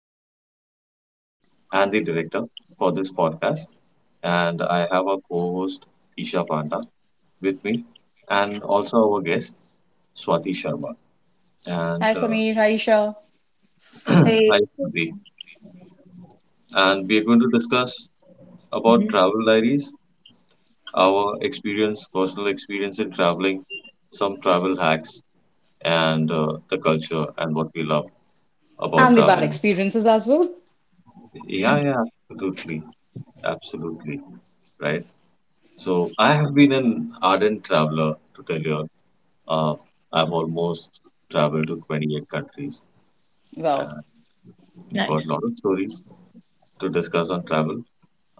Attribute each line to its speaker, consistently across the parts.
Speaker 1: I'm the host and the director for this podcast. And I have a co-host Isha Panda with me and also our guest Swati Sharma. And
Speaker 2: Hi Sameer, hi Isha,
Speaker 3: Hey.
Speaker 1: hi Swati. And we are going to discuss
Speaker 3: Mhm.
Speaker 1: about travel diaries, our experience, personal experience in traveling, some travel hacks and the culture and what we love about
Speaker 2: and the bad
Speaker 1: traveling.
Speaker 2: experiences as well.
Speaker 1: Yeah, yeah, absolutely. Absolutely. Right. So I have been an ardent traveler to tell you. Uh, I've almost traveled to 28 countries
Speaker 2: Well,
Speaker 1: and got a
Speaker 3: Nice.
Speaker 1: lot of stories to discuss on travel.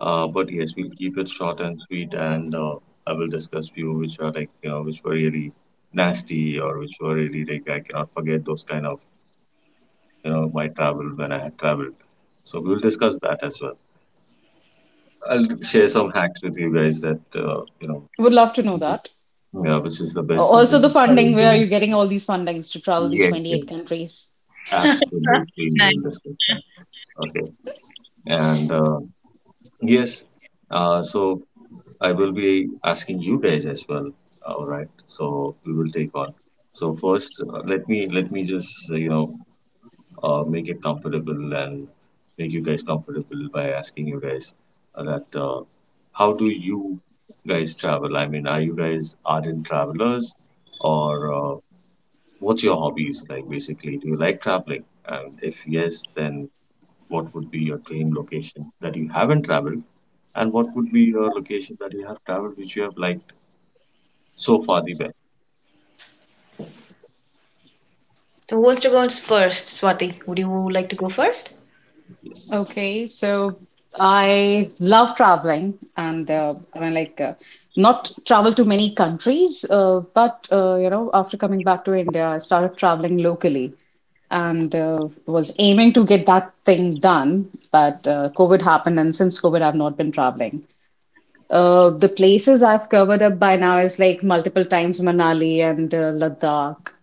Speaker 1: But yes, we'll keep it short and sweet, and I will discuss few which are like which were really nasty or which were really like I cannot forget those kind of my travel when I had traveled. So we'll discuss that as well. I'll share some hacks with you guys that
Speaker 2: would love to know that.
Speaker 1: yeah, which is the best
Speaker 2: Also,
Speaker 1: season
Speaker 2: the
Speaker 1: to
Speaker 2: funding, where are
Speaker 1: travel.
Speaker 2: you getting all these fundings to travel these
Speaker 1: Yes, yes,
Speaker 2: 28 countries?
Speaker 1: absolutely. We will
Speaker 3: Nice.
Speaker 1: discuss that. Okay. And uh, yes, so I will be asking you guys as well. All right. So we will take on. So first, let me just make it comfortable and make you guys comfortable by asking you guys that how do you guys travel? I mean, are you guys ardent travelers or what's your hobbies like basically? Do you like traveling? And if yes, then what would be your dream location that you haven't traveled? And what would be your location that you have traveled which you have liked so far the best?
Speaker 3: So who wants to go first? Swati, would you like to go first?
Speaker 1: Yes.
Speaker 2: Okay, so I love traveling and I mean, like, not travel to many countries, but you know, after coming back to India, I started traveling locally and was aiming to get that thing done, but COVID happened, and since COVID, I've not been traveling. The places I've covered up by now is like multiple times Manali and Ladakh.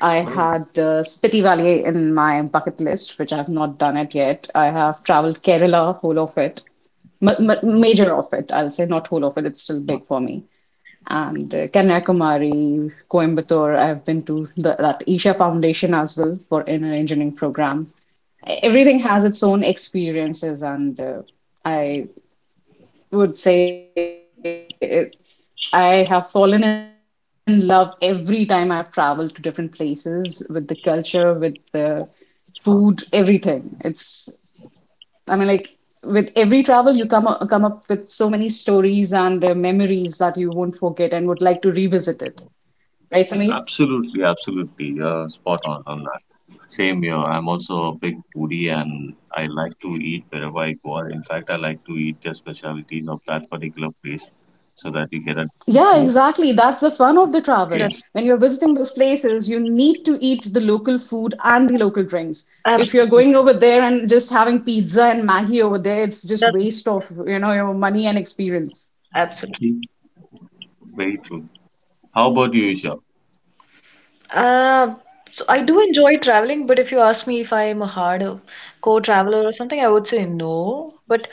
Speaker 2: I
Speaker 1: Right.
Speaker 2: had Spiti Valley in my bucket list, which I've not done it yet. I have traveled Kerala, whole of it, ma ma major of it. I'll say not whole of it. It's still big for me. And Kanyakumari, Coimbatore. I've been to that Isha Foundation as well for an engineering program. Everything has its own experiences, and I would say it I have fallen in love every time I've traveled to different places with the culture, with the food, everything. I mean, like with every travel, you come up with so many stories and memories that you won't forget and would like to revisit it. Right, Samir?
Speaker 1: Absolutely, absolutely. You're spot on that. Same here. I'm also a big foodie and I like to eat wherever I go. Or in fact, I like to eat the specialties of that particular place so that you get a
Speaker 2: Yeah,
Speaker 1: taste.
Speaker 2: exactly. That's the fun of the
Speaker 3: That,
Speaker 2: travel.
Speaker 1: Yes,
Speaker 2: When you're visiting those places, you need to eat the local food and the local drinks.
Speaker 3: ab-
Speaker 2: If you're going
Speaker 1: absolutely.
Speaker 2: over there and just having pizza and Maggie over there, it's just
Speaker 3: that,
Speaker 2: waste of, you know, your money and experience.
Speaker 3: absolutely.
Speaker 1: True. Very true. How about you, Isha?
Speaker 3: Uh, so I do enjoy traveling, but if you ask me if I am a hardcore traveler or something, I would say no. But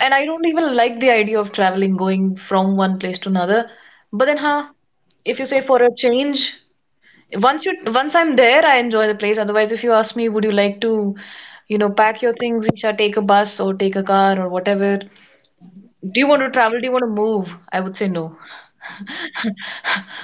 Speaker 3: and I don't even like the idea of traveling, going from one place to another. But then, huh? If you say for a change. Once I'm there, I enjoy the place. Otherwise, if you ask me, would you like to, pack your things, Isha, take a bus or take a car or whatever? Do you want to travel? Do you want to move? I would say no.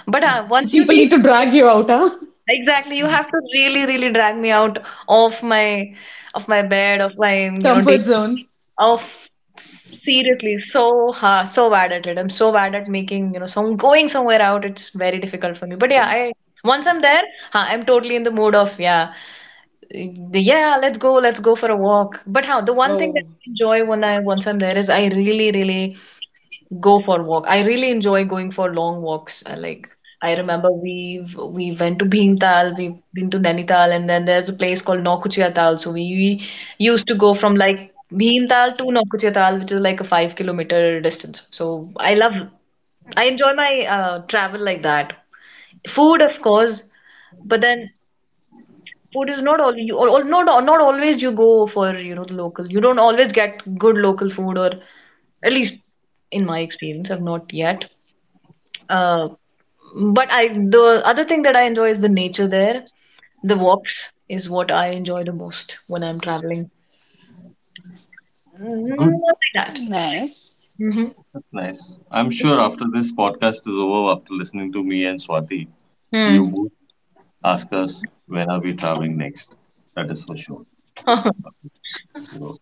Speaker 3: But
Speaker 2: So
Speaker 3: once you
Speaker 2: people need
Speaker 3: take
Speaker 2: to drag you out, huh?
Speaker 3: Exactly, you have to really, really drag me out of my of my bed, of my, you know, day.
Speaker 2: Comfort zone.
Speaker 3: Of Seriously, so hard, so bad at it. I'm so bad at making, you know, some going somewhere out. It's very difficult for me. But yeah, I once I'm there, huh, I'm totally in the mood of yeah. Yeah, let's go for a walk. But how the one thing that
Speaker 2: Oh.
Speaker 3: I enjoy when I'm there is I really, really go for walk. I really enjoy going for long walks. I remember we went to Bhimtal, we've been to Nainital, and then there's a place called Nokuchia Tal. So we used to go from like Bhimtal to Nokuchia Tal, which is like a 5 km distance. So I enjoy my travel like that. Food, of course, but then food is not all you not always you go for the local. You don't always get good local food, or at least in my experience, I've not yet. Uh, but I the other thing that I enjoy is the nature there. The walks is what I enjoy the most when I'm traveling. Mm, not
Speaker 1: Good.
Speaker 3: like that.
Speaker 2: Nice.
Speaker 3: Mm-hmm.
Speaker 1: That's nice. I'm sure after this podcast is over, after listening to me and Swati, you would ask us when are we traveling next. That is for sure.
Speaker 3: Hmm.
Speaker 1: So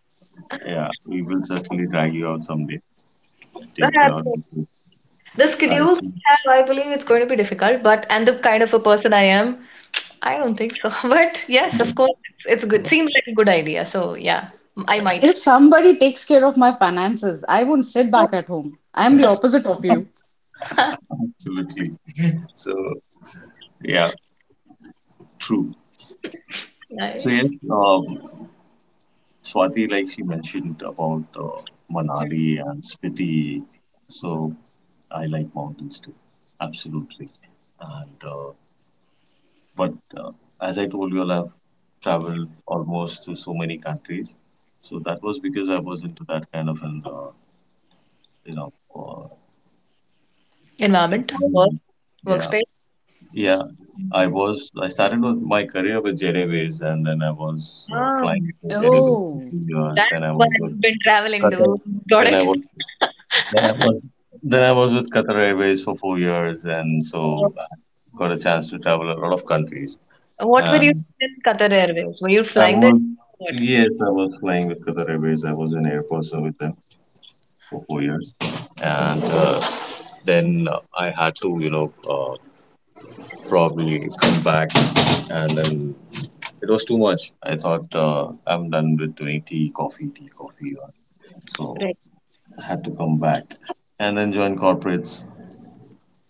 Speaker 1: yeah, we will certainly drag you out someday to take you out
Speaker 3: Well,
Speaker 1: because
Speaker 3: the
Speaker 1: I
Speaker 3: schedules
Speaker 1: think,
Speaker 3: I have, I believe it's going to be difficult, but and the kind of a person I am, I don't think so. But yes, of course, it's good. Seems like a good idea. So yeah, I might.
Speaker 2: If somebody takes care of my finances, I won't sit back at home. I'm the opposite of you.
Speaker 1: absolutely. So yeah, true. So yes,
Speaker 3: Nice.
Speaker 1: um, Swati, like she mentioned about Manali and Spiti. So I like mountains too. Absolutely. And But as I told you, all, I've traveled almost to so many countries. So that was because I was into that kind of an, you know, uh,
Speaker 3: Environment, work,
Speaker 1: employment. Yeah,
Speaker 3: workspace.
Speaker 1: yeah. I was. I started with my career with Jet Airways, and then I was
Speaker 3: Ah,
Speaker 1: flying for Jet Airways for
Speaker 2: Oh,
Speaker 1: 2 years. Then I
Speaker 3: that's why
Speaker 1: was with
Speaker 3: you've been traveling,
Speaker 1: Qatar.
Speaker 3: dude. Got
Speaker 1: Then I
Speaker 3: it.
Speaker 1: was. Then I was. Then I was with Qatar Airways for 4 years, and
Speaker 3: Uh,
Speaker 1: so I got a chance to travel a lot of countries.
Speaker 3: What were you doing in Qatar Airways? Were you
Speaker 1: I
Speaker 3: flying there?
Speaker 1: was,
Speaker 3: What?
Speaker 1: yes, I was flying with Qatar Airways. I was an air person with them for 4 years. And then I had to, probably come back. And then it was too much. I thought I'm done with doing tea, coffee, tea, coffee. So
Speaker 3: Right.
Speaker 1: I had to come back and then join corporates.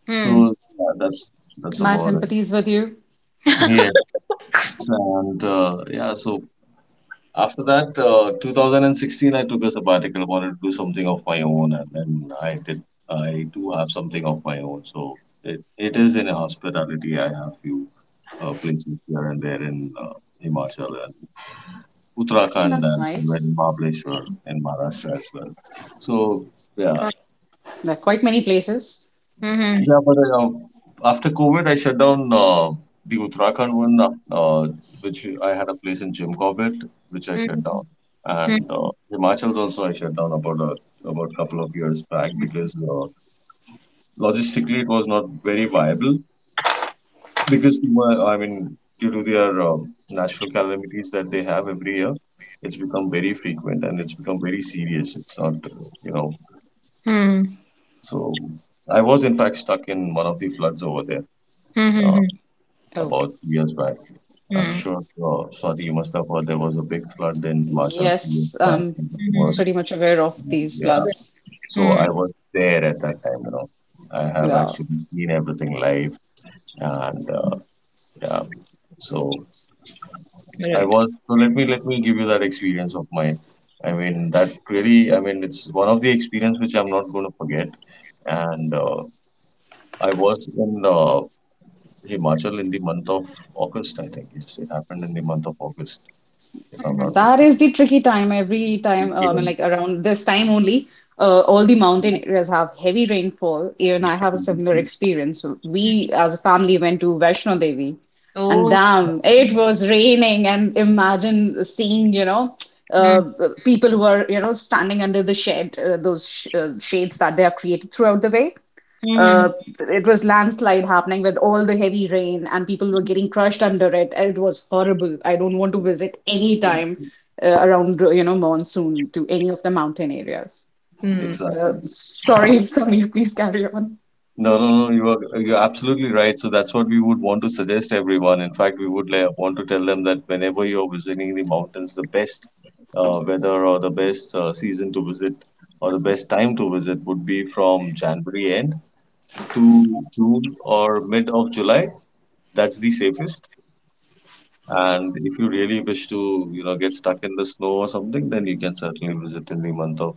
Speaker 3: Hmm.
Speaker 1: So yeah, that's
Speaker 2: my
Speaker 1: about it.
Speaker 2: sympathies with you.
Speaker 1: Yes, and yeah, so After that, 2016, I took a sabbatical, wanted to do something of my own, and then I did. I do have something of my own, so it is in a hospitality. I have few places here and there in Himachal and Uttarakhand
Speaker 2: That's
Speaker 1: and somewhere
Speaker 2: nice.
Speaker 1: in Mahabaleshwar in Maharashtra as well. So yeah.
Speaker 3: Uh,
Speaker 2: There are quite many places.
Speaker 3: Hmm.
Speaker 1: Yeah, but after COVID, I shut down the Uttarakhand one, uh, which I had a place in Jim Corbett, which I shut down,
Speaker 3: Hmm.
Speaker 1: and
Speaker 3: Hmm.
Speaker 1: Himachal's also I shut down about a couple of years back because logistically it was not very viable because I mean due to their natural calamities that they have every year, it's become very frequent and it's become very serious. It's not
Speaker 3: Hmm.
Speaker 1: so I was in fact stuck in one of the floods over there
Speaker 3: Hmm.
Speaker 1: Uh,
Speaker 3: Hmm.
Speaker 2: Oh,
Speaker 1: about 2 years back. I'm
Speaker 3: Hmm.
Speaker 1: sure, Swati, you must have heard there was a big flood in Himachal a few years
Speaker 2: yes,
Speaker 1: back.
Speaker 2: I'm
Speaker 1: And it was,
Speaker 3: Hmm.
Speaker 2: pretty much aware of these
Speaker 1: yeah.
Speaker 2: floods.
Speaker 1: So
Speaker 3: Hmm. Hmm.
Speaker 1: I was there at that time, you know. I have
Speaker 2: Well,
Speaker 1: actually seen everything live, and yeah. So I
Speaker 3: Right.
Speaker 1: was. So let me give you that experience of mine. I mean, that really. I mean, it's one of the experience which I'm not going to forget. And I was in Himachal in the month of August, I think. Yes, it happened in the month of August, if I'm
Speaker 3: Hmm.
Speaker 1: not
Speaker 2: that
Speaker 1: mistaken.
Speaker 2: is the tricky time. Every time,
Speaker 1: Yeah.
Speaker 2: I mean, like around this time only, all the mountain
Speaker 1: Yeah,
Speaker 2: areas have heavy rainfall. Even I have a similar
Speaker 1: absolutely.
Speaker 2: experience. We, as a family, went to Vaishno Devi, and
Speaker 3: Oh.
Speaker 2: damn, it was raining. And imagine seeing, you know,
Speaker 3: Hmm.
Speaker 2: uh, people who are, you know, standing under the shed, those sh shades that they have created throughout the way.
Speaker 3: Hmm.
Speaker 2: uh, it was landslide happening with all the heavy rain and people were getting crushed under it. It was horrible. I don't want to visit any
Speaker 1: True.
Speaker 2: time around, you know, monsoon to any of the mountain areas.
Speaker 1: Exactly.
Speaker 2: Sorry, Samir, please carry on.
Speaker 1: No, you are you're absolutely right. So that's what we would want to suggest everyone. In fact, we would like, want to tell them that whenever you're visiting the mountains, the best weather or the best season to visit or the best time to visit would be from January end to June or mid of July. That's the safest. And if you really wish to, you know, get stuck in the snow or something, then you can certainly visit in the month of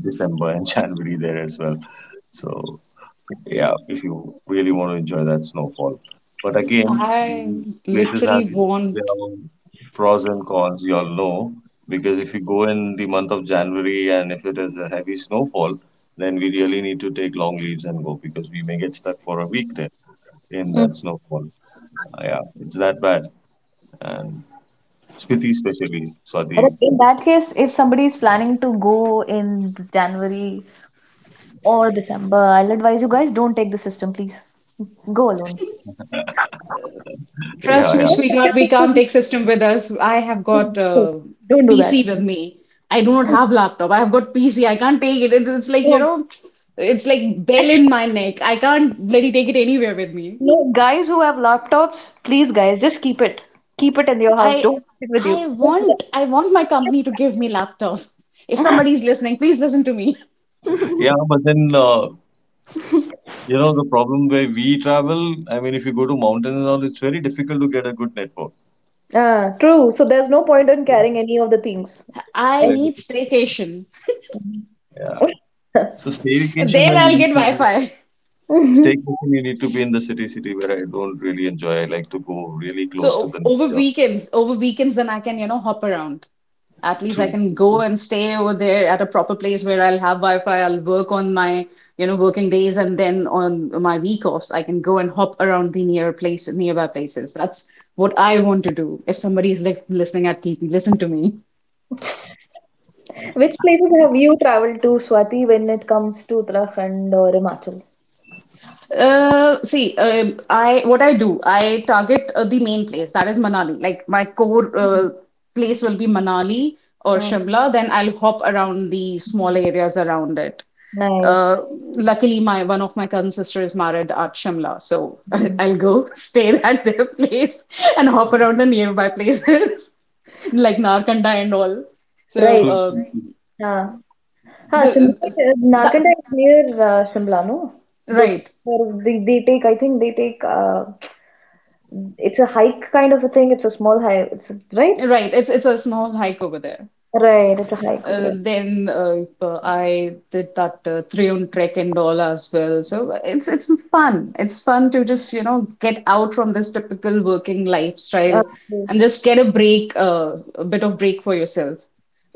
Speaker 1: December and January there as well. So yeah, if you really want to enjoy that snowfall. But again,
Speaker 2: I
Speaker 1: the places have
Speaker 2: literally
Speaker 1: their
Speaker 2: won't.
Speaker 1: own pros and cons, you all know, because if you go in the month of January and if it is a heavy snowfall, then we really need to take long leaves and go because we may get stuck for a week there in
Speaker 3: Hmm.
Speaker 1: that snowfall. Yeah, it's that bad. And Spiti especially,
Speaker 3: But
Speaker 1: Swati.
Speaker 3: in that case, if somebody is planning to go in January or December, I'll advise you guys don't take the system, please. Go alone.
Speaker 2: Trust
Speaker 1: Yeah,
Speaker 2: me,
Speaker 1: yeah.
Speaker 3: Don't take
Speaker 2: sweetheart, we
Speaker 3: your
Speaker 2: can't
Speaker 3: sister
Speaker 2: take system with us. I have
Speaker 3: with
Speaker 2: got
Speaker 3: you.
Speaker 2: a
Speaker 3: Don't do that.
Speaker 2: PC with me. I do not have laptop. I have got PC. I can't take it. It's like, you
Speaker 3: Don't.
Speaker 2: know, it's like bell in my neck. I can't bloody take it anywhere with me.
Speaker 3: No, guys who have laptops, please, guys, just keep it. Keep it in your house.
Speaker 2: I
Speaker 3: Don't take it with
Speaker 2: I
Speaker 3: you. Don't do
Speaker 2: want I want my company to give me laptop. If
Speaker 3: that.
Speaker 2: somebody's listening, please listen to me.
Speaker 1: Yeah, but then you know the problem where we travel, I mean if you go to mountains and all, it's very difficult to get a good network.
Speaker 3: Ah, true. So there's no point in carrying any of the
Speaker 2: I
Speaker 1: Right.
Speaker 2: need staycation.
Speaker 1: Yeah.
Speaker 3: things.
Speaker 1: So staycation
Speaker 2: There
Speaker 1: then you
Speaker 2: I'll get
Speaker 1: need to be
Speaker 2: Wi-Fi.
Speaker 1: staycation you need to be in the city where I don't really enjoy. I like to go really
Speaker 2: So
Speaker 1: close to the
Speaker 2: over
Speaker 1: nature.
Speaker 2: weekends, then I can, you know, hop around. At least I
Speaker 1: True.
Speaker 2: can go and stay over there at a proper place where I'll have Wi-Fi. I'll work on my, you know, working days, and then on my week offs, I can go and hop around the nearby places. That's what I want to do. If somebody is like listening at TP, listen to me.
Speaker 3: Which places have you traveled to, Swati, when it comes to Uttarakhand or Himachal?
Speaker 2: See, I what I do, I target the main place, that is Manali. Like my core place will be Manali or
Speaker 3: Hmm.
Speaker 2: Shimla, then I'll hop around the small areas around it.
Speaker 3: Nice.
Speaker 2: Uh, Luckily, my one of my cousin sister is married at Shimla, so I'll go stay at their place and hop around the nearby places like Narkanda and all. So,
Speaker 3: Right.
Speaker 1: True. True, true.
Speaker 3: हाँ, हाँ.
Speaker 2: so
Speaker 3: Shimla,
Speaker 2: that
Speaker 3: Narkanda is near Shimla, no? the
Speaker 2: Right,
Speaker 3: they take, I think they take, it's a hike kind of a thing. It's a small hike. Right.
Speaker 2: right. It's a small hike over there.
Speaker 3: Right, it's a hike over
Speaker 2: Uh,
Speaker 3: there.
Speaker 2: then uh, uh, I did that three on trek and all as well. So it's fun. It's fun to just, you know, get out from this typical working
Speaker 3: Uh,
Speaker 2: lifestyle
Speaker 3: True,
Speaker 2: and just get a break, a bit of break for yourself.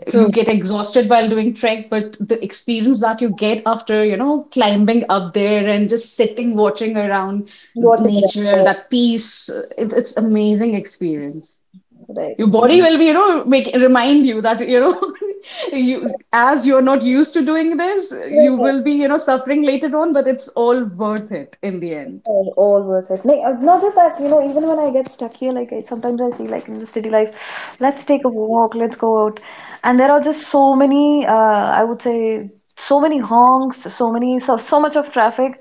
Speaker 3: true.
Speaker 2: You get exhausted while doing trek, but the experience that you get after, you know, climbing up there and just sitting, watching around
Speaker 3: Watching it.
Speaker 2: nature, that peace, it's amazing experience.
Speaker 3: Right,
Speaker 2: Your
Speaker 1: Oh,
Speaker 2: body
Speaker 1: yes.
Speaker 2: will be, you know, make remind you that, you know, you as you're not used to doing this you
Speaker 3: right,
Speaker 2: will be, you know, suffering later on, but it's all worth it in the end.
Speaker 3: all worth it. Like, not just that, you know, even when I get stuck here, like I, sometimes I feel like in the city life, let's take a walk, let's go out. And there are just so many, I would say, so many honks, so many, so, so much of traffic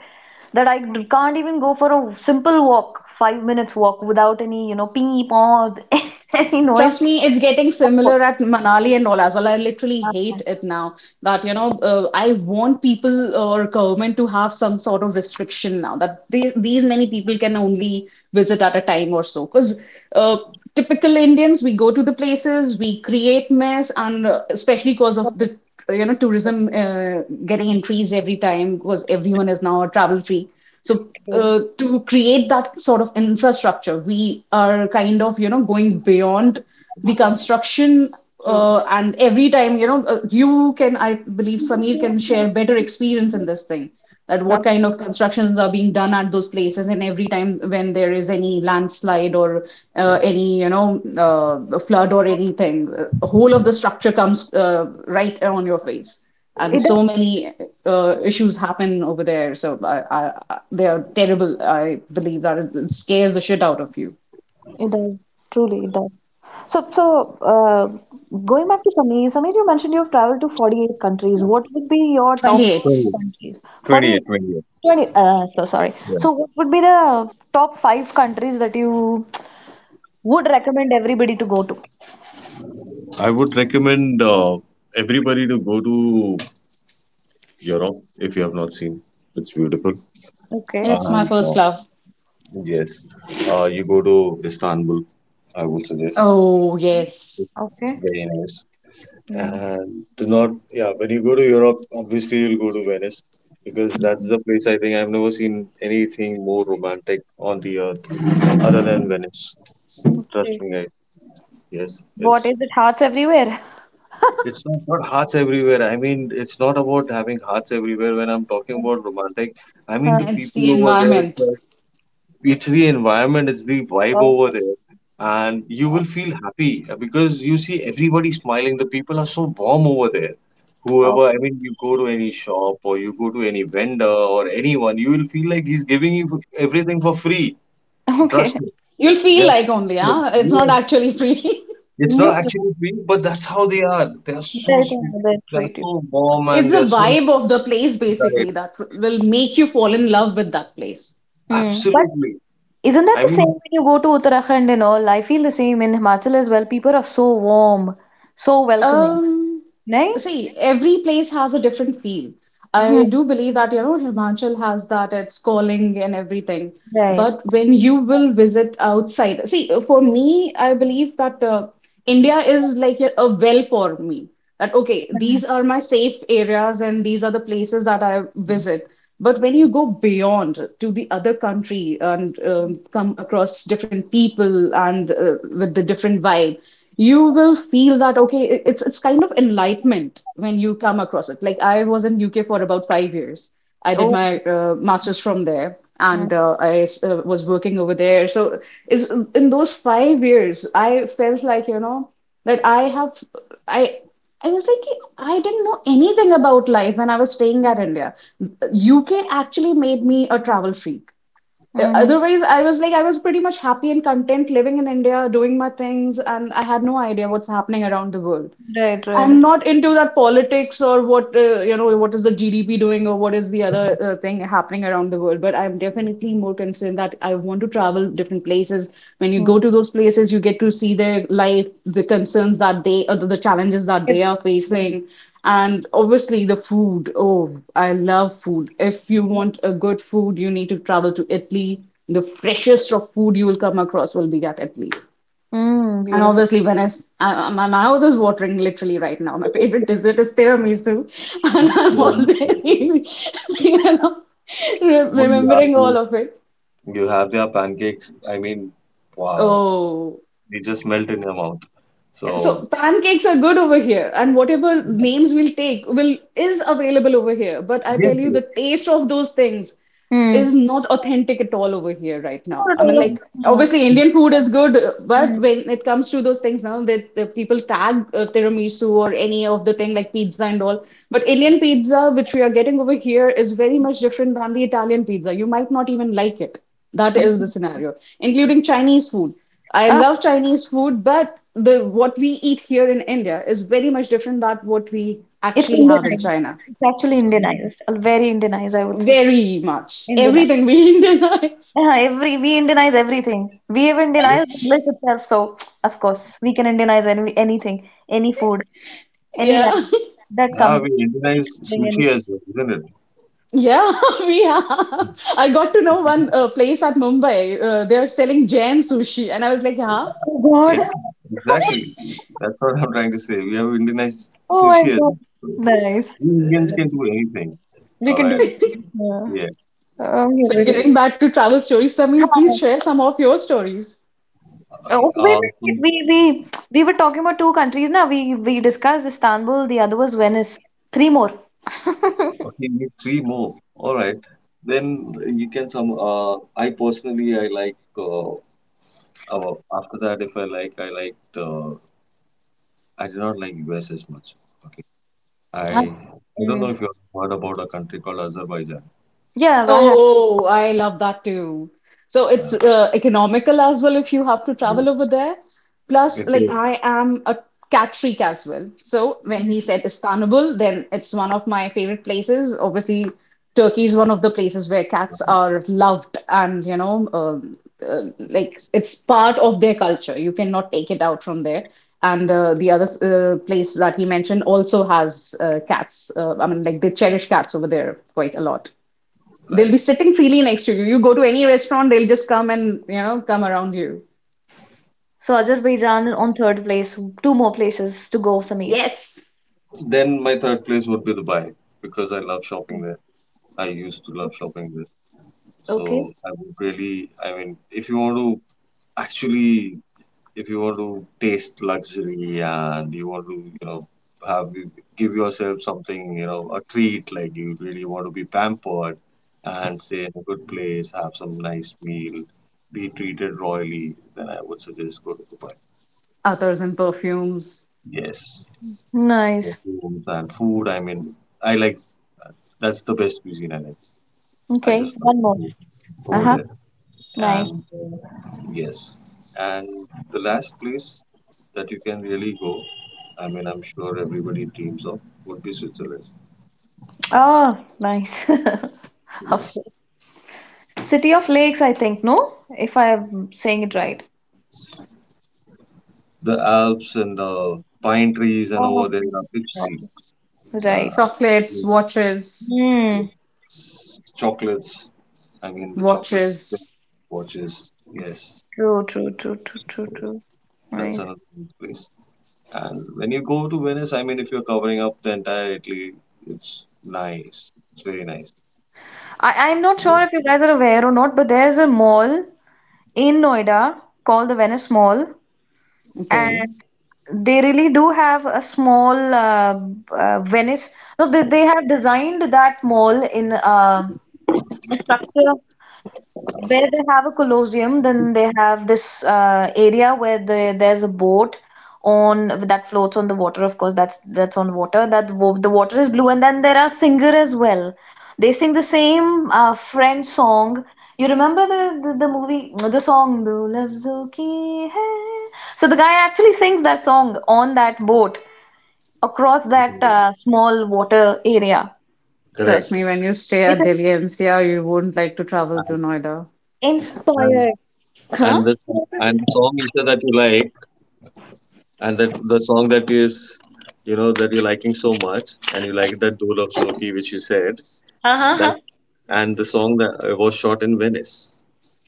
Speaker 3: that I can't even go for a simple walk, 5 minutes walk without any, beep or any noise.
Speaker 2: Trust me, it's getting
Speaker 3: Not possible.
Speaker 2: similar at Manali and all as well. I literally hate it now that, you know, I want people or government to have some sort of restriction now that these many people can only visit at a time or so. Because uh, typical Indians, we go to the places, we create mess, and especially because of the, you know,
Speaker 3: Uh,
Speaker 2: tourism getting increased every time because everyone is now travel free. So
Speaker 3: True,
Speaker 2: to create that sort of infrastructure, we are kind of, you know, going beyond the construction.
Speaker 3: true.
Speaker 2: And every time, you know, you can, I believe Samir can share better experience in this thing, that
Speaker 3: Uh,
Speaker 2: what kind of constructions are being done at those places, and every time when there is any landslide or any, you know, flood or anything, whole of the structure comes right on your face and
Speaker 3: It does.
Speaker 2: so many issues happen over there. So they are terrible. I believe that it scares the shit out of you.
Speaker 3: It does, truly, it does. So, going back to Sameer, you mentioned you've traveled to 48 countries. What would be your top
Speaker 2: 28.
Speaker 1: So
Speaker 3: five countries?
Speaker 1: 28,
Speaker 3: 48,
Speaker 1: 28.
Speaker 3: 20. 20, so sorry.
Speaker 1: Yeah.
Speaker 3: So, what would be the top five countries that you would recommend everybody to go to?
Speaker 1: I would recommend everybody to go to Europe if you have not seen. It's beautiful.
Speaker 3: Okay,
Speaker 2: It's my
Speaker 1: And uh,
Speaker 2: first love.
Speaker 1: yes, uh, you go to Istanbul. I would suggest.
Speaker 2: Oh, yes.
Speaker 1: It's
Speaker 3: okay.
Speaker 1: very nice.
Speaker 3: Hmm.
Speaker 1: And do not, yeah, when you go to Europe, obviously you'll go to Venice because that's the place I think I've never seen anything more romantic on the earth other than Venice.
Speaker 3: Okay.
Speaker 1: Trust me, guys. Yes,
Speaker 3: What
Speaker 1: it's
Speaker 3: is it? Hearts everywhere.
Speaker 1: it's not about hearts everywhere. I mean, it's not about having hearts everywhere. When I'm talking about romantic, I mean
Speaker 3: Huh.
Speaker 1: the
Speaker 2: It's
Speaker 1: people
Speaker 2: the
Speaker 1: over there.
Speaker 2: environment.
Speaker 1: It's the environment, it's the vibe
Speaker 3: Oh,
Speaker 1: over there, and you
Speaker 3: oh,
Speaker 1: will feel happy because you see everybody smiling. The people are so warm over there.
Speaker 3: oh.
Speaker 1: Whoever, I mean, you go to any shop or you go to any vendor or anyone, you will feel like he's giving you everything for free.
Speaker 3: Okay.
Speaker 1: Trust me.
Speaker 2: You'll feel
Speaker 1: They're
Speaker 2: like only,
Speaker 1: so
Speaker 2: huh? It's not
Speaker 1: weird.
Speaker 2: actually free.
Speaker 1: It's
Speaker 3: No,
Speaker 1: not
Speaker 3: no.
Speaker 1: actually free, but that's how they are. They are so
Speaker 3: They're going
Speaker 1: smooth.
Speaker 3: to
Speaker 1: They are
Speaker 3: treat you.
Speaker 1: so warm
Speaker 2: It's
Speaker 1: and they
Speaker 2: the
Speaker 1: are so
Speaker 2: vibe of the place,
Speaker 1: right.
Speaker 2: basically, that will make you fall in love with that place.
Speaker 3: Hmm. But
Speaker 1: Absolutely.
Speaker 3: isn't that
Speaker 1: I
Speaker 3: the same
Speaker 1: mean,
Speaker 3: when you go to Uttarakhand and all? I feel the same in Himachal as well. People are so warm, so welcoming,
Speaker 2: Um,
Speaker 3: right?
Speaker 2: see, every place has a different feel. I
Speaker 3: Hmm.
Speaker 2: do believe that, you know, Himachal has that, its calling and everything.
Speaker 3: Right.
Speaker 2: But when you will visit outside, see, for me, I believe that India is like a well for me. That, okay, these
Speaker 3: Mm.
Speaker 2: are my safe areas and these are the places that I visit. But when you go beyond to the other country and come across different people and with the different vibe, you will feel that okay, it's kind of enlightenment when you come across it. Like I was in UK for about 5 years. I did
Speaker 3: Oh,
Speaker 2: my master's from there, and
Speaker 3: mm.
Speaker 2: I was working over there. So is in those 5 years, I felt like, you know, that I have I I was like, I didn't know anything about life when I was staying at India. UK actually made me a travel freak.
Speaker 3: Hmm.
Speaker 2: Otherwise, I was pretty much happy and content living in India, doing my things, and I had no idea what's happening around the world.
Speaker 3: Right, right.
Speaker 2: I'm not into that politics or what you know what is the GDP doing or what is the other thing happening around the world. But I'm definitely more concerned that I want to travel different places. When you
Speaker 3: Mm.
Speaker 2: go to those places, you get to see their life, the concerns that they or the challenges that
Speaker 3: It-
Speaker 2: they are facing, and obviously the food. Oh, I love food. If you want a good food, you need to travel to Italy. The freshest of food you will come across will be at Italy.
Speaker 3: Mm,
Speaker 2: And
Speaker 3: beautiful.
Speaker 2: obviously, when I, s- I- my mouth is watering literally right now. My favorite dessert is tiramisu, and I'm
Speaker 1: yeah,
Speaker 2: already, you know,
Speaker 1: what do you
Speaker 2: remembering all
Speaker 1: argue?
Speaker 2: of it.
Speaker 1: You have their pancakes. I mean, wow,
Speaker 2: Oh,
Speaker 1: they just melt in your mouth. So
Speaker 2: so pancakes are good over here, and whatever names we'll take will is available over here. But I
Speaker 1: yes,
Speaker 2: tell you,
Speaker 1: yes.
Speaker 2: the taste of those things is
Speaker 3: Mm.
Speaker 2: not authentic at all over here right now.
Speaker 3: Not at
Speaker 2: I mean,
Speaker 3: all.
Speaker 2: like
Speaker 3: Yeah.
Speaker 2: obviously Indian food is good, but
Speaker 3: Mm.
Speaker 2: when it comes to those things now, that the people tag tiramisu or any of the thing like pizza and all. But Indian pizza, which we are getting over here, is very much different than the Italian pizza. You might not even like it. That is the
Speaker 3: Mm.
Speaker 2: scenario, including Chinese food. I
Speaker 3: Ah,
Speaker 2: love Chinese food, but the what we eat here in India is very much different than what we
Speaker 3: it's
Speaker 2: actually have in
Speaker 3: Indianized.
Speaker 2: China.
Speaker 3: It's actually Indianized. Very Indianized, I would say.
Speaker 2: Very much.
Speaker 3: Indianized.
Speaker 2: Everything we Indianize.
Speaker 3: Yeah, every we Indianize everything. We even Indianized English itself, so of course we can Indianize anything, any food, any
Speaker 2: Yeah,
Speaker 3: language that comes,
Speaker 1: Now we
Speaker 3: any
Speaker 1: Indianize
Speaker 3: clothing,
Speaker 1: sushi
Speaker 3: anything.
Speaker 1: as well, isn't it?
Speaker 2: yeah, we have. I got to know one place at Mumbai. They're selling Jain sushi, and I was like, huh?
Speaker 3: Oh
Speaker 1: Yeah,
Speaker 3: God!
Speaker 1: exactly. That's what I'm trying to say. We have Indianized
Speaker 3: Oh my
Speaker 1: sushi as
Speaker 3: God!
Speaker 1: well. So,
Speaker 3: Nice.
Speaker 1: we Indians
Speaker 3: Yeah.
Speaker 1: can do anything.
Speaker 3: We
Speaker 1: All
Speaker 3: can do.
Speaker 1: right.
Speaker 3: Yeah.
Speaker 1: Yeah.
Speaker 3: Oh, we
Speaker 1: So,
Speaker 2: But
Speaker 3: really.
Speaker 2: getting back to travel stories, Samir,
Speaker 3: Huh.
Speaker 2: please share some of your stories.
Speaker 1: okay.
Speaker 3: Oh, wait,
Speaker 1: Uh,
Speaker 3: wait, wait.
Speaker 1: so,
Speaker 3: We were talking about two countries now. We discussed Istanbul. The other was Venice. Three more.
Speaker 1: okay, we need three more. All right. Then you can some. I personally, I like. After that, if I like, I like. I do not like US as much. Okay, I
Speaker 3: Ah.
Speaker 1: I don't
Speaker 3: Hmm.
Speaker 1: know if you have heard about a country called Azerbaijan.
Speaker 3: Yeah, I have.
Speaker 2: Oh, I love that too. So it's
Speaker 1: Uh,
Speaker 2: economical as well if you have to travel over
Speaker 1: yes.
Speaker 2: there. Plus,
Speaker 1: It is
Speaker 2: like I am a cat freak as well. So when he said Istanbul, then it's one of my favorite places. Obviously, Turkey is one of the places where cats are loved and, you know, uh, like it's part of their culture. You cannot take it out from there. And the other place that he mentioned also has cats. Like they cherish cats over there quite a lot. They'll be
Speaker 1: right.
Speaker 2: sitting freely next to you. You go to any restaurant, they'll just come and, you know, come around you.
Speaker 3: So Azerbaijan on third place. Two more places to go, Samir.
Speaker 2: Yes.
Speaker 1: Then my third place would be Dubai because I love shopping
Speaker 3: Okay.
Speaker 1: there. I used to love
Speaker 3: Okay.
Speaker 1: shopping there.
Speaker 3: Okay.
Speaker 1: So I would really, I mean, if you want to actually if you want to taste luxury and you want to you know have give yourself something you know a treat like you really want to be pampered and stay in a good place have some nice meal be treated royally then I would suggest go to Dubai.
Speaker 2: Others and perfumes,
Speaker 1: Yes,
Speaker 3: Nice.
Speaker 1: rooms and food. I mean, I like, that's the best cuisine I like. I
Speaker 3: Okay.
Speaker 1: just love
Speaker 3: One
Speaker 1: the
Speaker 3: more.
Speaker 1: food over
Speaker 3: Uh-huh.
Speaker 1: there,
Speaker 3: Nice.
Speaker 1: and yes. And the last place that you can really go, I mean I'm sure everybody dreams of, would be Switzerland.
Speaker 3: Oh, nice. Of
Speaker 1: Yes,
Speaker 3: course. City of Lakes, I think, no? If I'm saying it right.
Speaker 1: the Alps and the pine trees and
Speaker 3: Oh
Speaker 1: over
Speaker 3: my
Speaker 1: there are big sea.
Speaker 3: God.
Speaker 1: uh,
Speaker 3: Right.
Speaker 2: chocolates, watches,
Speaker 3: Hmm.
Speaker 1: chocolates, I mean the chocolate,
Speaker 2: watches.
Speaker 1: watches, yes.
Speaker 3: True, true, true, true, true, true.
Speaker 1: That's
Speaker 3: Nice.
Speaker 1: another place. And when you go to Venice, I mean, if you're covering up the entire Italy, it's nice. It's very nice.
Speaker 3: I'm not sure if you guys are aware or not, but there's a mall in Noida called the Venice Mall.
Speaker 1: Hmm.
Speaker 2: Okay.
Speaker 3: And they really do have a small Venice. No, they have designed that mall in a structure. Where they have a Colosseum, then they have this area where there's a boat on that floats on the water. Of course, that's on water. The water is blue, and then there are singer as well. They sing the same French song. You remember the movie, the song, "Do Love Ki Hai." So the guy actually sings that song on that boat across that small water area.
Speaker 2: Trust
Speaker 1: Correct.
Speaker 2: me, when you stay
Speaker 3: It
Speaker 2: at
Speaker 3: is
Speaker 2: Delhi NCR, you wouldn't like to travel to
Speaker 1: And
Speaker 2: Noida.
Speaker 1: and
Speaker 3: inspired.
Speaker 1: and
Speaker 3: Huh?
Speaker 1: the and the song also that you like, and that the song that is, you know, that you're liking so much, and you like that Dol of Soki which you said that,
Speaker 3: Uh-huh.
Speaker 1: and the song that was shot in Venice.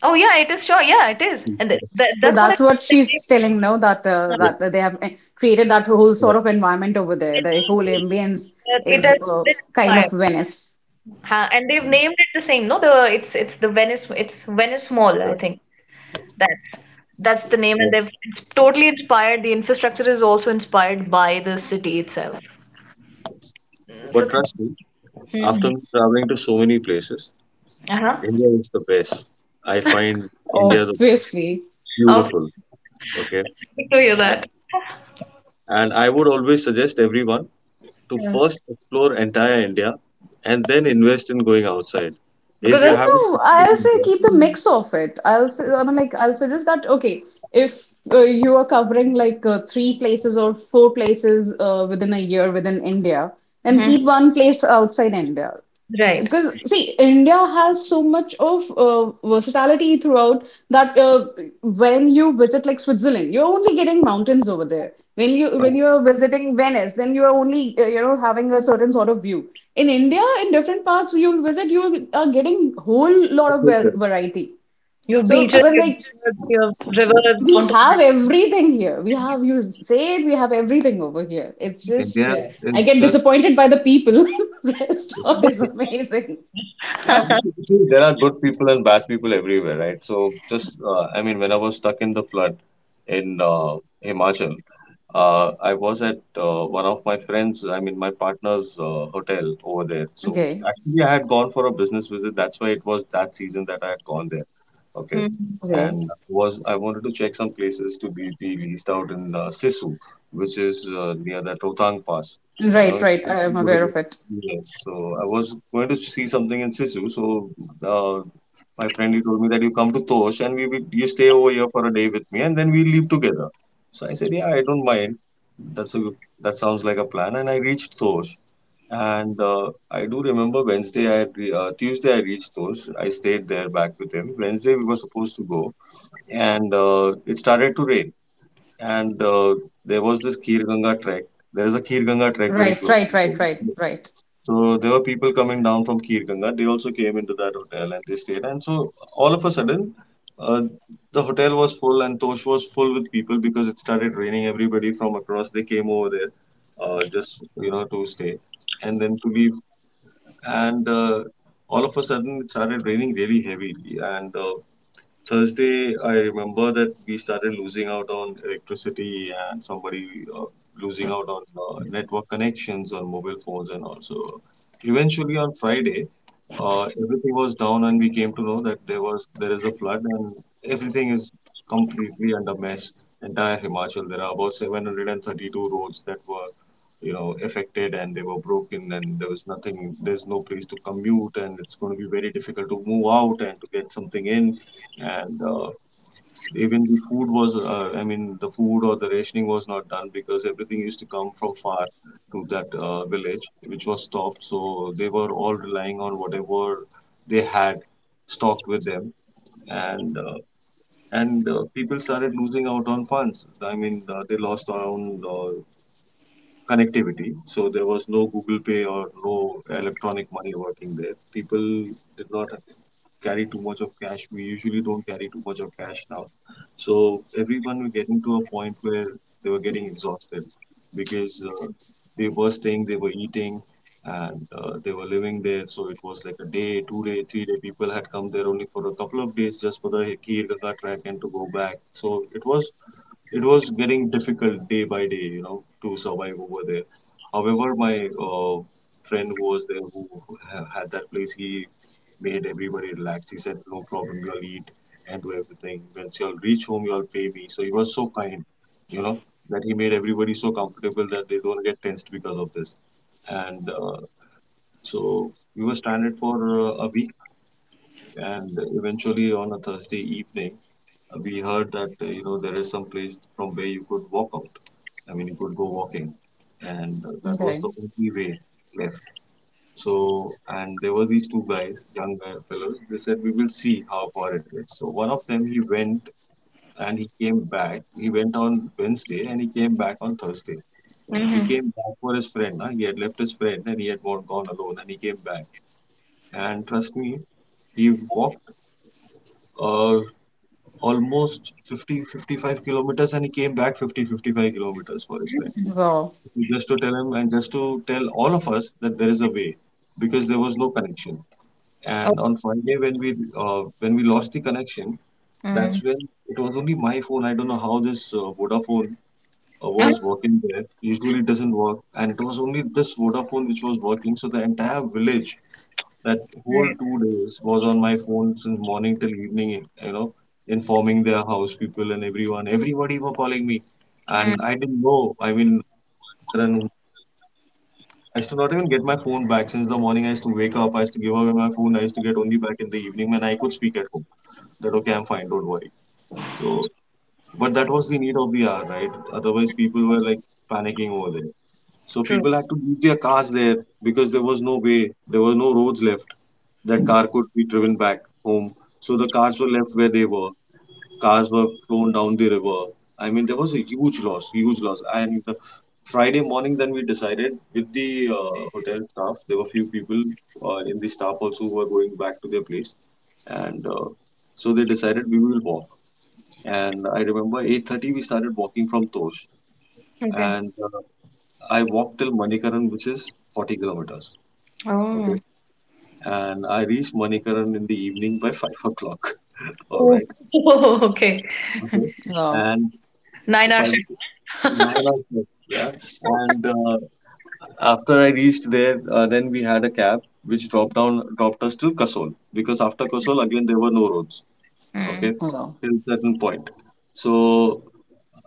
Speaker 3: Oh yeah, it is sure. Yeah, it is,
Speaker 1: Yeah,
Speaker 3: and th that,
Speaker 2: So
Speaker 3: that's what I
Speaker 2: that's what
Speaker 3: think.
Speaker 2: she's telling now that uh,
Speaker 1: correct,
Speaker 2: that they have created that whole sort
Speaker 1: correct,
Speaker 2: of environment over there. The whole ambience
Speaker 3: It
Speaker 2: is
Speaker 1: correct.
Speaker 3: has been
Speaker 2: kind
Speaker 3: inspired,
Speaker 2: of Venice.
Speaker 3: huh? And they've
Speaker 1: Mm.
Speaker 3: named it the same. No, the it's the Venice it's Venice Mall, I
Speaker 1: Correct.
Speaker 3: think. That's that's the name,
Speaker 1: But
Speaker 3: and they've it's totally inspired. The infrastructure is also inspired by the city itself.
Speaker 1: but
Speaker 3: So,
Speaker 1: trust me, after
Speaker 3: mhm,
Speaker 1: me traveling to so many places,
Speaker 3: uh-huh.
Speaker 1: India is the best. I find India the
Speaker 2: Obviously.
Speaker 3: How
Speaker 1: beautiful. Okay,
Speaker 3: good to hear
Speaker 1: and,
Speaker 3: that.
Speaker 1: and I would always suggest everyone to
Speaker 3: Yeah.
Speaker 1: first explore entire India and then invest in going outside.
Speaker 3: Because
Speaker 1: If you
Speaker 3: there's,
Speaker 1: haven't
Speaker 2: No, I'll say
Speaker 1: explored
Speaker 2: keep the mix of it. I'll say, I mean, like, I'll suggest that, okay, if you are covering like three places or four places within a year within India, then
Speaker 3: mhm,
Speaker 2: keep one place outside India.
Speaker 3: right,
Speaker 2: Because see, India has so much of versatility throughout that when you visit like Switzerland, you're only getting mountains over there. When you're visiting Venice, then you're only you know having a certain sort of view. In India, in different parts you'll visit, you are getting whole lot of
Speaker 1: India,
Speaker 2: variety.
Speaker 3: your
Speaker 2: So
Speaker 3: beaches,
Speaker 2: I mean,
Speaker 3: your
Speaker 2: like
Speaker 3: rivers, your rivers,
Speaker 2: we have
Speaker 3: mountains.
Speaker 2: everything here. We have you say it, we have everything over here. It's just
Speaker 1: India is
Speaker 2: I get
Speaker 1: just
Speaker 2: disappointed by the people. Rest of is amazing.
Speaker 1: yeah. Because you see, there are good people and bad people everywhere, right? So just I mean, when I was stuck in the flood in Himachal, I was at one of my friends, I mean my partner's hotel over there. So
Speaker 2: Okay.
Speaker 1: actually, I had gone for a business visit. That's why it was that season that I had gone there. Okay.
Speaker 3: Mhm.
Speaker 2: Okay.
Speaker 1: And was I wanted to check some places to be leased out in Sisu, which is near that Rotang Pass. You know,
Speaker 2: Right,
Speaker 1: if
Speaker 2: right. I
Speaker 1: you
Speaker 2: am
Speaker 1: go to
Speaker 2: aware of it.
Speaker 1: yes. So I was going to see something in Sisu. So uh, my friend he told me that you come to Tosh and we will, you stay over here for a day with me and then we leave together. So I said, yeah, I don't mind. That's a good, that sounds like a plan. And I reached Tosh and I do remember Wednesday, I had Tuesday I reached those. I stayed there back with him. Wednesday we were supposed to go, and it started to rain. And There was this Kir Ganga trek. There is a Kir Ganga trek very
Speaker 2: Right,
Speaker 1: close
Speaker 2: right,
Speaker 1: to
Speaker 2: right, right,
Speaker 1: Goa.
Speaker 2: right.
Speaker 1: So there were people coming down from Kir Ganga. They also came into that hotel and they stayed. And so all of a sudden, uh, the hotel was full and Tosh was full with people because it started raining. Everybody from across they came over there, just you know to stay and then to leave and all of a sudden it started raining really heavily and Thursday, I remember that we started losing out on electricity and somebody uh, losing out on network connections on mobile phones and also. Eventually, on Friday, everything was down and we came to know that there is a flood and everything is completely under mess. Entire Himachal, there are about 732 roads that were, you know, affected and they were broken and there was nothing. There's no place to commute and it's going to be very difficult to move out and to get something in and even the food was I mean the food or the rationing was not done because everything used to come from far to that village which was stopped, so they were all relying on whatever they had stocked with them and uh, and people started losing out on funds. I mean, they lost around connectivity. So there was no Google Pay or no electronic money working there. People did not carry too much of cash. We usually don't carry too much of cash now. So everyone were getting to a point where they were getting exhausted because they were staying, they were eating, and they were living there. So it was like a day, 2 day, 3 day. People had come there only for a couple of days just for the Kir Ganga trek and to go back. So it was getting difficult day by day, you know, to survive over there. However, my friend who was there who had that place, he made everybody relax. He said, "No problem, you'll eat and do everything. Once you'll reach home, you'll pay me." So he was so kind, you know, that he made everybody so comfortable that they don't get tensed because of this. And So we were stranded for a week, and eventually on a Thursday evening, we heard that there is some place from where you could walk out. I mean, you could go walking, and that was
Speaker 2: Okay.
Speaker 1: the only way left. So, and there were these two guys, young guy fellows. They said we will see how far it is. So one of them he went and he came back. He went on Wednesday and he came back on Thursday. He
Speaker 3: Mhm.
Speaker 1: came back for his friend. Huh? He had left his friend and he had gone alone and he came back. And trust me, he walked uh, almost 55 kilometers and he came back 55 kilometers for his friend
Speaker 2: Wow,
Speaker 1: just to tell him and just to tell all of us that there is a way, because there was no connection. And on Friday when we lost the connection, that's
Speaker 3: Mm.
Speaker 1: when it was only my phone. I don't know how this Vodafone
Speaker 3: Oh,
Speaker 1: was working there. Usually it doesn't work, and it was only this Vodafone which was working. So the entire village, that whole
Speaker 3: right.
Speaker 1: 2 days was on my phone since morning till evening, you know, informing their house people, and everyone, everybody were calling me.
Speaker 3: Mm.
Speaker 1: And I didn't know, I mean, then I used to not even get my phone back. Since the morning, I used to wake up, I used to give away my phone, I used to get only back in the evening when I could speak at home, that okay, I'm fine, don't worry. So but that was the need of the hour, right? Otherwise people were like panicking over there. So
Speaker 3: True.
Speaker 1: people had to leave their cars there because there was no way, there were no roads left that car could be driven back home. So the cars were left where they were. Cars were thrown down the river. I mean, there was a huge loss, huge loss. And Friday morning, then we decided with the hotel staff. There were few people in the staff also who were going back to their place, and so they decided we will walk. And I remember 8:30 we started walking from Tosh,
Speaker 3: Okay.
Speaker 1: and I walked till Manikaran, which is 40 kilometers. Okay,
Speaker 3: Oh.
Speaker 1: and I reached Manikaran in the evening by 5 o'clock. All
Speaker 3: Oh,
Speaker 1: right.
Speaker 3: okay.
Speaker 1: Okay.
Speaker 2: wow,
Speaker 1: And
Speaker 3: 9 hour
Speaker 1: five,
Speaker 3: shift.
Speaker 1: 9 o'clock. Yeah. And After I reached there, then we had a cab which dropped down, dropped us till Kasol because after Kasol again there were no roads.
Speaker 3: Mm.
Speaker 1: Okay,
Speaker 2: wow.
Speaker 1: till certain point. So,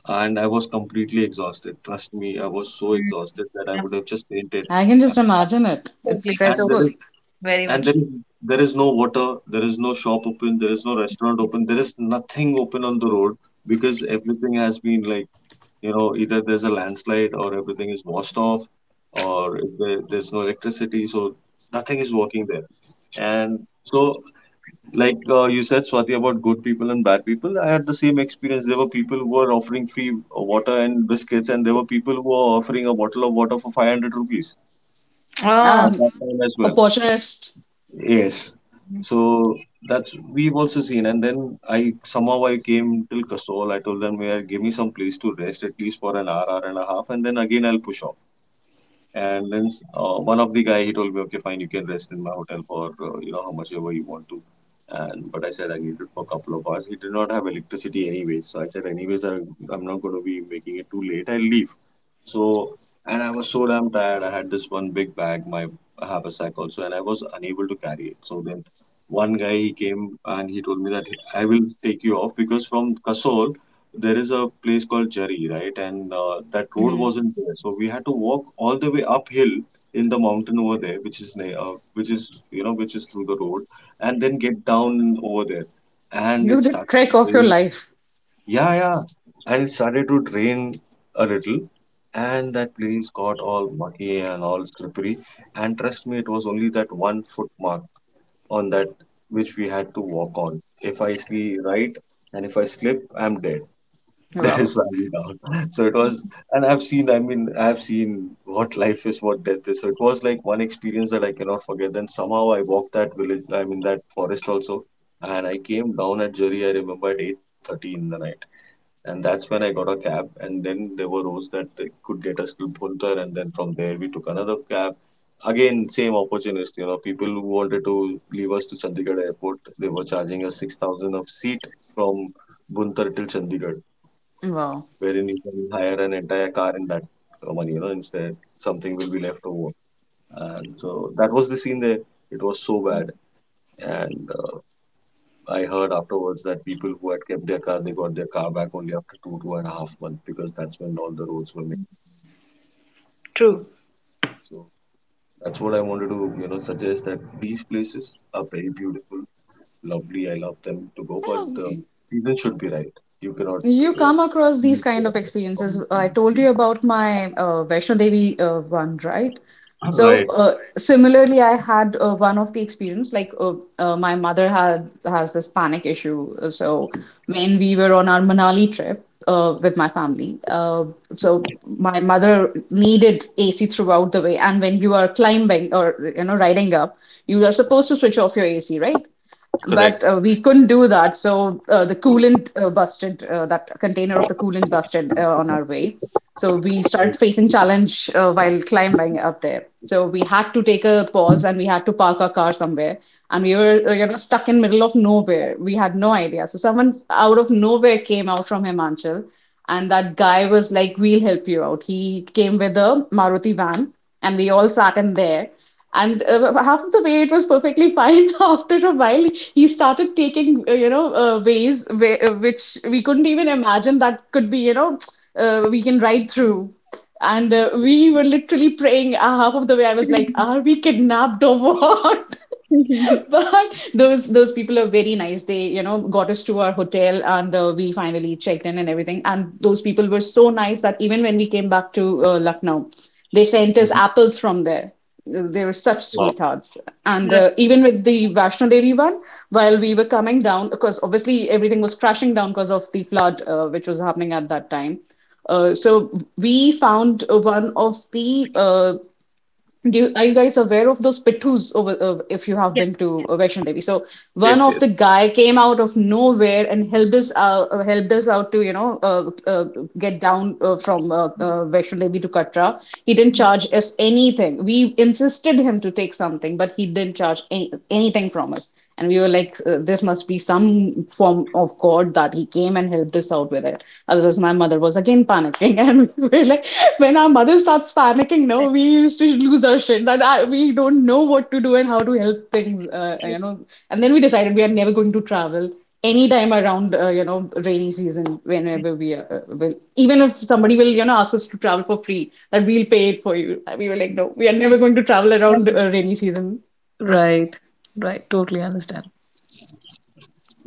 Speaker 1: and I was completely exhausted. Trust me, I was so exhausted that I would have just fainted.
Speaker 2: I can just imagine it. It's
Speaker 3: Absolutely.
Speaker 1: And
Speaker 3: So
Speaker 1: there
Speaker 2: stressful.
Speaker 1: is
Speaker 3: very
Speaker 1: and there
Speaker 3: much.
Speaker 1: is There is no water, there is no shop open, there is no restaurant open, there is nothing open on the road because everything has been like, you know, either there's a landslide or everything is washed off, or if there, there's no electricity, so nothing is working there. And so, like you said, Swati, about good people and bad people, I had the same experience. There were people who were offering free water and biscuits, and there were people who were offering a bottle of water for 500 rupees
Speaker 3: Oh,
Speaker 1: at that
Speaker 2: Um,
Speaker 1: time as well.
Speaker 2: opportunist.
Speaker 1: Yes. So that's we've also seen. And then I somehow I came till Kasol. I told them, yeah, give me some place to rest at least for an hour, hour and a half, and then again I'll push off. And then one of the guy he told me, okay, fine, you can rest in my hotel for you know how much ever you want to. And but I said I need it for a couple of hours. He did not have electricity anyway, so I said anyways I, I'm not going to be making it too late. I'll leave. So, and I was so damn tired. I had this one big bag, my haversack also, and I was unable to carry it. So then one guy he came and he told me that I will take you off because from Kasol there is a place called Jari, right? And That road
Speaker 2: Mhm.
Speaker 1: wasn't there, so we had to walk all the way uphill in the mountain over there, which is near, which is through the road, and then get down over there. And
Speaker 2: You
Speaker 1: it
Speaker 2: did
Speaker 1: started
Speaker 2: trek
Speaker 1: to
Speaker 2: of your
Speaker 1: rain.
Speaker 2: life.
Speaker 1: Yeah, yeah. And it started to drain a little, and that place got all muddy and all slippery. And trust me, it was only that 1 foot mark on that which we had to walk on. If I see right and if I slip, I'm dead. That is
Speaker 2: Wow,
Speaker 1: why I'm down. So it was, and I've seen, I mean, I've seen what life is, what death is. So it was like one experience that I cannot forget. Then somehow I walked that village, I mean, that forest also. And I came down at Jari, I remember at 8:30 in the night, and that's when I got a cab. And then there were roads that could get us to Bhuntar, and then from there we took another cab. Again, same opportunist, you know, people who wanted to leave us to Chandigarh airport, they were charging us 6,000 of seat from Bhuntar till Chandigarh,
Speaker 2: wow.
Speaker 1: wherein you can hire an entire car in that money, you know, instead something will be left over. And so that was the scene there. It was so bad. And I heard afterwards that people who had kept their car, they got their car back only after two, 2.5 months because that's when all the roads were made.
Speaker 3: true.
Speaker 1: So that's what I wanted to, you know, suggest that these places are very beautiful, lovely. I love them to go, but
Speaker 2: Yeah,
Speaker 1: the season should be right. You cannot.
Speaker 2: you come across these
Speaker 1: Choose
Speaker 2: kind
Speaker 1: the
Speaker 2: of experiences.
Speaker 1: wrong
Speaker 2: I told you
Speaker 1: season.
Speaker 2: about my Vaishno Devi one, right? So
Speaker 1: Right,
Speaker 2: similarly, I had one of the experience like my mother had has this panic issue. So when we were on our Manali trip with my family, so my mother needed AC throughout the way. And when you are climbing or you know riding up, you are supposed to switch off your AC, right?
Speaker 1: correct.
Speaker 2: But we couldn't do that. So the coolant busted, that container of the coolant busted on our way. So we started facing challenge while climbing up there. So we had to take a pause and we had to park our car somewhere. And we were, you know, stuck in middle of nowhere. We had no idea. So someone out of nowhere came out from Himachal, and that guy was like, "We'll help you out." He came with a Maruti van, and we all sat in there and half of the way it was perfectly fine. After a while, he started taking, you know, ways where, which we couldn't even imagine that could be, you know, we can ride through. And we were literally praying. Half of the way, I was like, "Are we kidnapped or what?" But those people are very nice. They, you know, got us to our hotel, and we finally checked in and everything, and those people were so nice that even when we came back to Lucknow, they sent us apples from there. They were such
Speaker 1: Wow.
Speaker 2: sweethearts. And
Speaker 3: Right.
Speaker 2: even with the Vaishno Devi one, while we were coming down, because obviously everything was crashing down because of the flood which was happening at that time, so we found one of the are you guys aware of those pittus over if you
Speaker 3: Yeah,
Speaker 2: have been to Vaishno Devi? So
Speaker 1: Yes,
Speaker 2: one of
Speaker 1: yes.
Speaker 2: the guy came out of nowhere and helped us out to you know get down from Vaishno Devi to Katra. He didn't charge us anything. We insisted him to take something, but he didn't charge anything from us, and we were like this must be some form of god that he came and helped us out with it. Otherwise my mother was again panicking and we were like, when our mother starts panicking, no, we used to lose our shit that we don't know what to do and how to help things,
Speaker 3: true.
Speaker 2: you know. And then we decided we are never going to travel anytime around you know rainy season. Whenever we will, even if somebody will you know ask us to travel for free, that we'll pay it for you, we were like, no, we are never going to travel around
Speaker 3: Mhm.
Speaker 2: rainy season.
Speaker 3: Right. Right. Totally understand.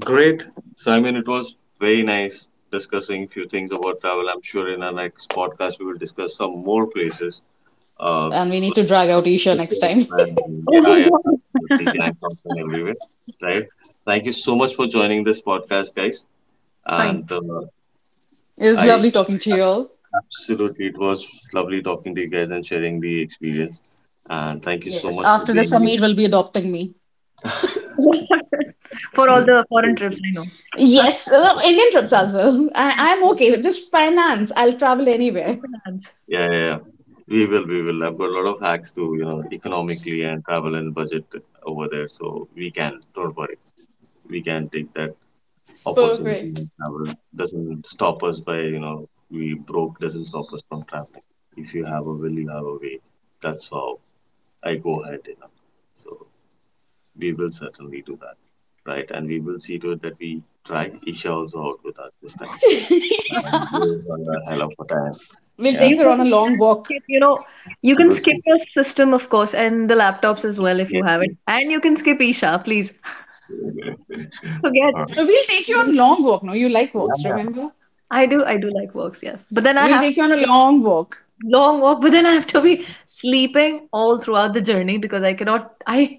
Speaker 1: Great. So I mean, it was very nice discussing a few things about travel. I'm sure in our next podcast we will discuss some more places. Uh,
Speaker 2: And we need
Speaker 1: like,
Speaker 2: to drag
Speaker 1: uh,
Speaker 2: out Isha next time.
Speaker 1: and yeah,
Speaker 3: Oh
Speaker 1: yeah,
Speaker 3: my
Speaker 1: absolutely.
Speaker 3: God.
Speaker 1: Gang songs everywhere, right? Thank you so much for joining this podcast, guys.
Speaker 3: Thank
Speaker 1: And
Speaker 2: It
Speaker 3: you.
Speaker 2: was
Speaker 3: Mm.
Speaker 1: I
Speaker 2: lovely talking to you all.
Speaker 1: absolutely, it was lovely talking to you guys and sharing the experience. And thank you so
Speaker 2: Yes,
Speaker 1: much for
Speaker 2: after this,
Speaker 1: being
Speaker 2: Samir will be adopting me.
Speaker 3: For all
Speaker 1: here.
Speaker 3: the foreign trips, I know.
Speaker 2: Yes, Indian trips as well. I'm okay with just finance. I'll travel anywhere.
Speaker 3: Just finance.
Speaker 1: Yeah, yeah, yeah. We will, we will. I've got a lot of hacks to, you know, economically and travel and budget over there. So we can, don't worry. We can take that opportunity,
Speaker 2: Perfect.
Speaker 1: and travel doesn't stop us by, you know, we broke doesn't stop us from traveling. If you have a will, you have a way, that's how I go ahead, you know. So we will certainly do that, right? And we will see to it that we drag Isha also out with us this time and give her a hell of a time.
Speaker 2: We'll
Speaker 1: Yeah,
Speaker 2: take
Speaker 3: You
Speaker 2: her on a
Speaker 3: guys can
Speaker 2: long walk.
Speaker 3: skip, you can skip
Speaker 1: absolutely.
Speaker 3: your system, of course, and the laptops as well if you
Speaker 1: Yes,
Speaker 3: have it.
Speaker 1: yes.
Speaker 3: And you can skip Isha, please. Forget.
Speaker 1: All right.
Speaker 2: We'll take you
Speaker 3: Forget
Speaker 2: on
Speaker 3: Isha.
Speaker 2: long walk. No, you like
Speaker 1: Yeah,
Speaker 2: walks,
Speaker 1: yeah.
Speaker 2: remember?
Speaker 3: I do like walks, yes. But then I
Speaker 2: We'll
Speaker 3: have
Speaker 2: take you on a long walk.
Speaker 3: long walk, but then I have to be sleeping all throughout the journey because I cannot, I,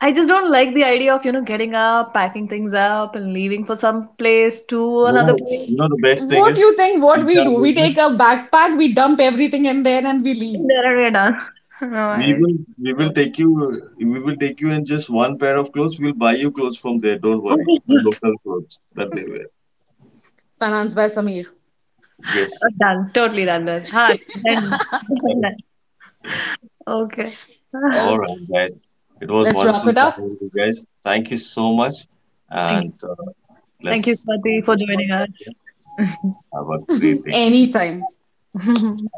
Speaker 3: I just don't like the idea of, getting up, packing things up, and leaving for some place to
Speaker 1: You
Speaker 3: another
Speaker 1: know,
Speaker 2: Eh,
Speaker 1: you
Speaker 3: place.
Speaker 1: know the best thing
Speaker 2: What
Speaker 1: is
Speaker 2: do you think what we
Speaker 1: Isha
Speaker 2: do? We
Speaker 1: will...
Speaker 2: take a backpack, we dump everything in there, and we leave.
Speaker 3: And then we're done. No,
Speaker 1: We
Speaker 3: I
Speaker 1: will, we will
Speaker 3: don't.
Speaker 1: take you, we will take you in just one pair of clothes. We'll buy you clothes from there. Don't worry. The local clothes that they wear.
Speaker 2: Financed by Samir.
Speaker 1: Yes.
Speaker 3: Done. Totally done. Done. Ha, done. Done. Done. Okay.
Speaker 1: All
Speaker 2: Okay,
Speaker 1: right, guys. It was
Speaker 2: let's wrap
Speaker 1: wonderful
Speaker 2: it up.
Speaker 1: chatting with you guys. Thank you so much.
Speaker 3: Thank
Speaker 1: And
Speaker 3: you.
Speaker 1: uh,
Speaker 3: Thank you,
Speaker 1: let's
Speaker 3: Swati,
Speaker 1: finish
Speaker 3: for
Speaker 1: this
Speaker 3: joining
Speaker 1: podcast
Speaker 3: us.
Speaker 1: here. Have a great day.
Speaker 2: Anytime.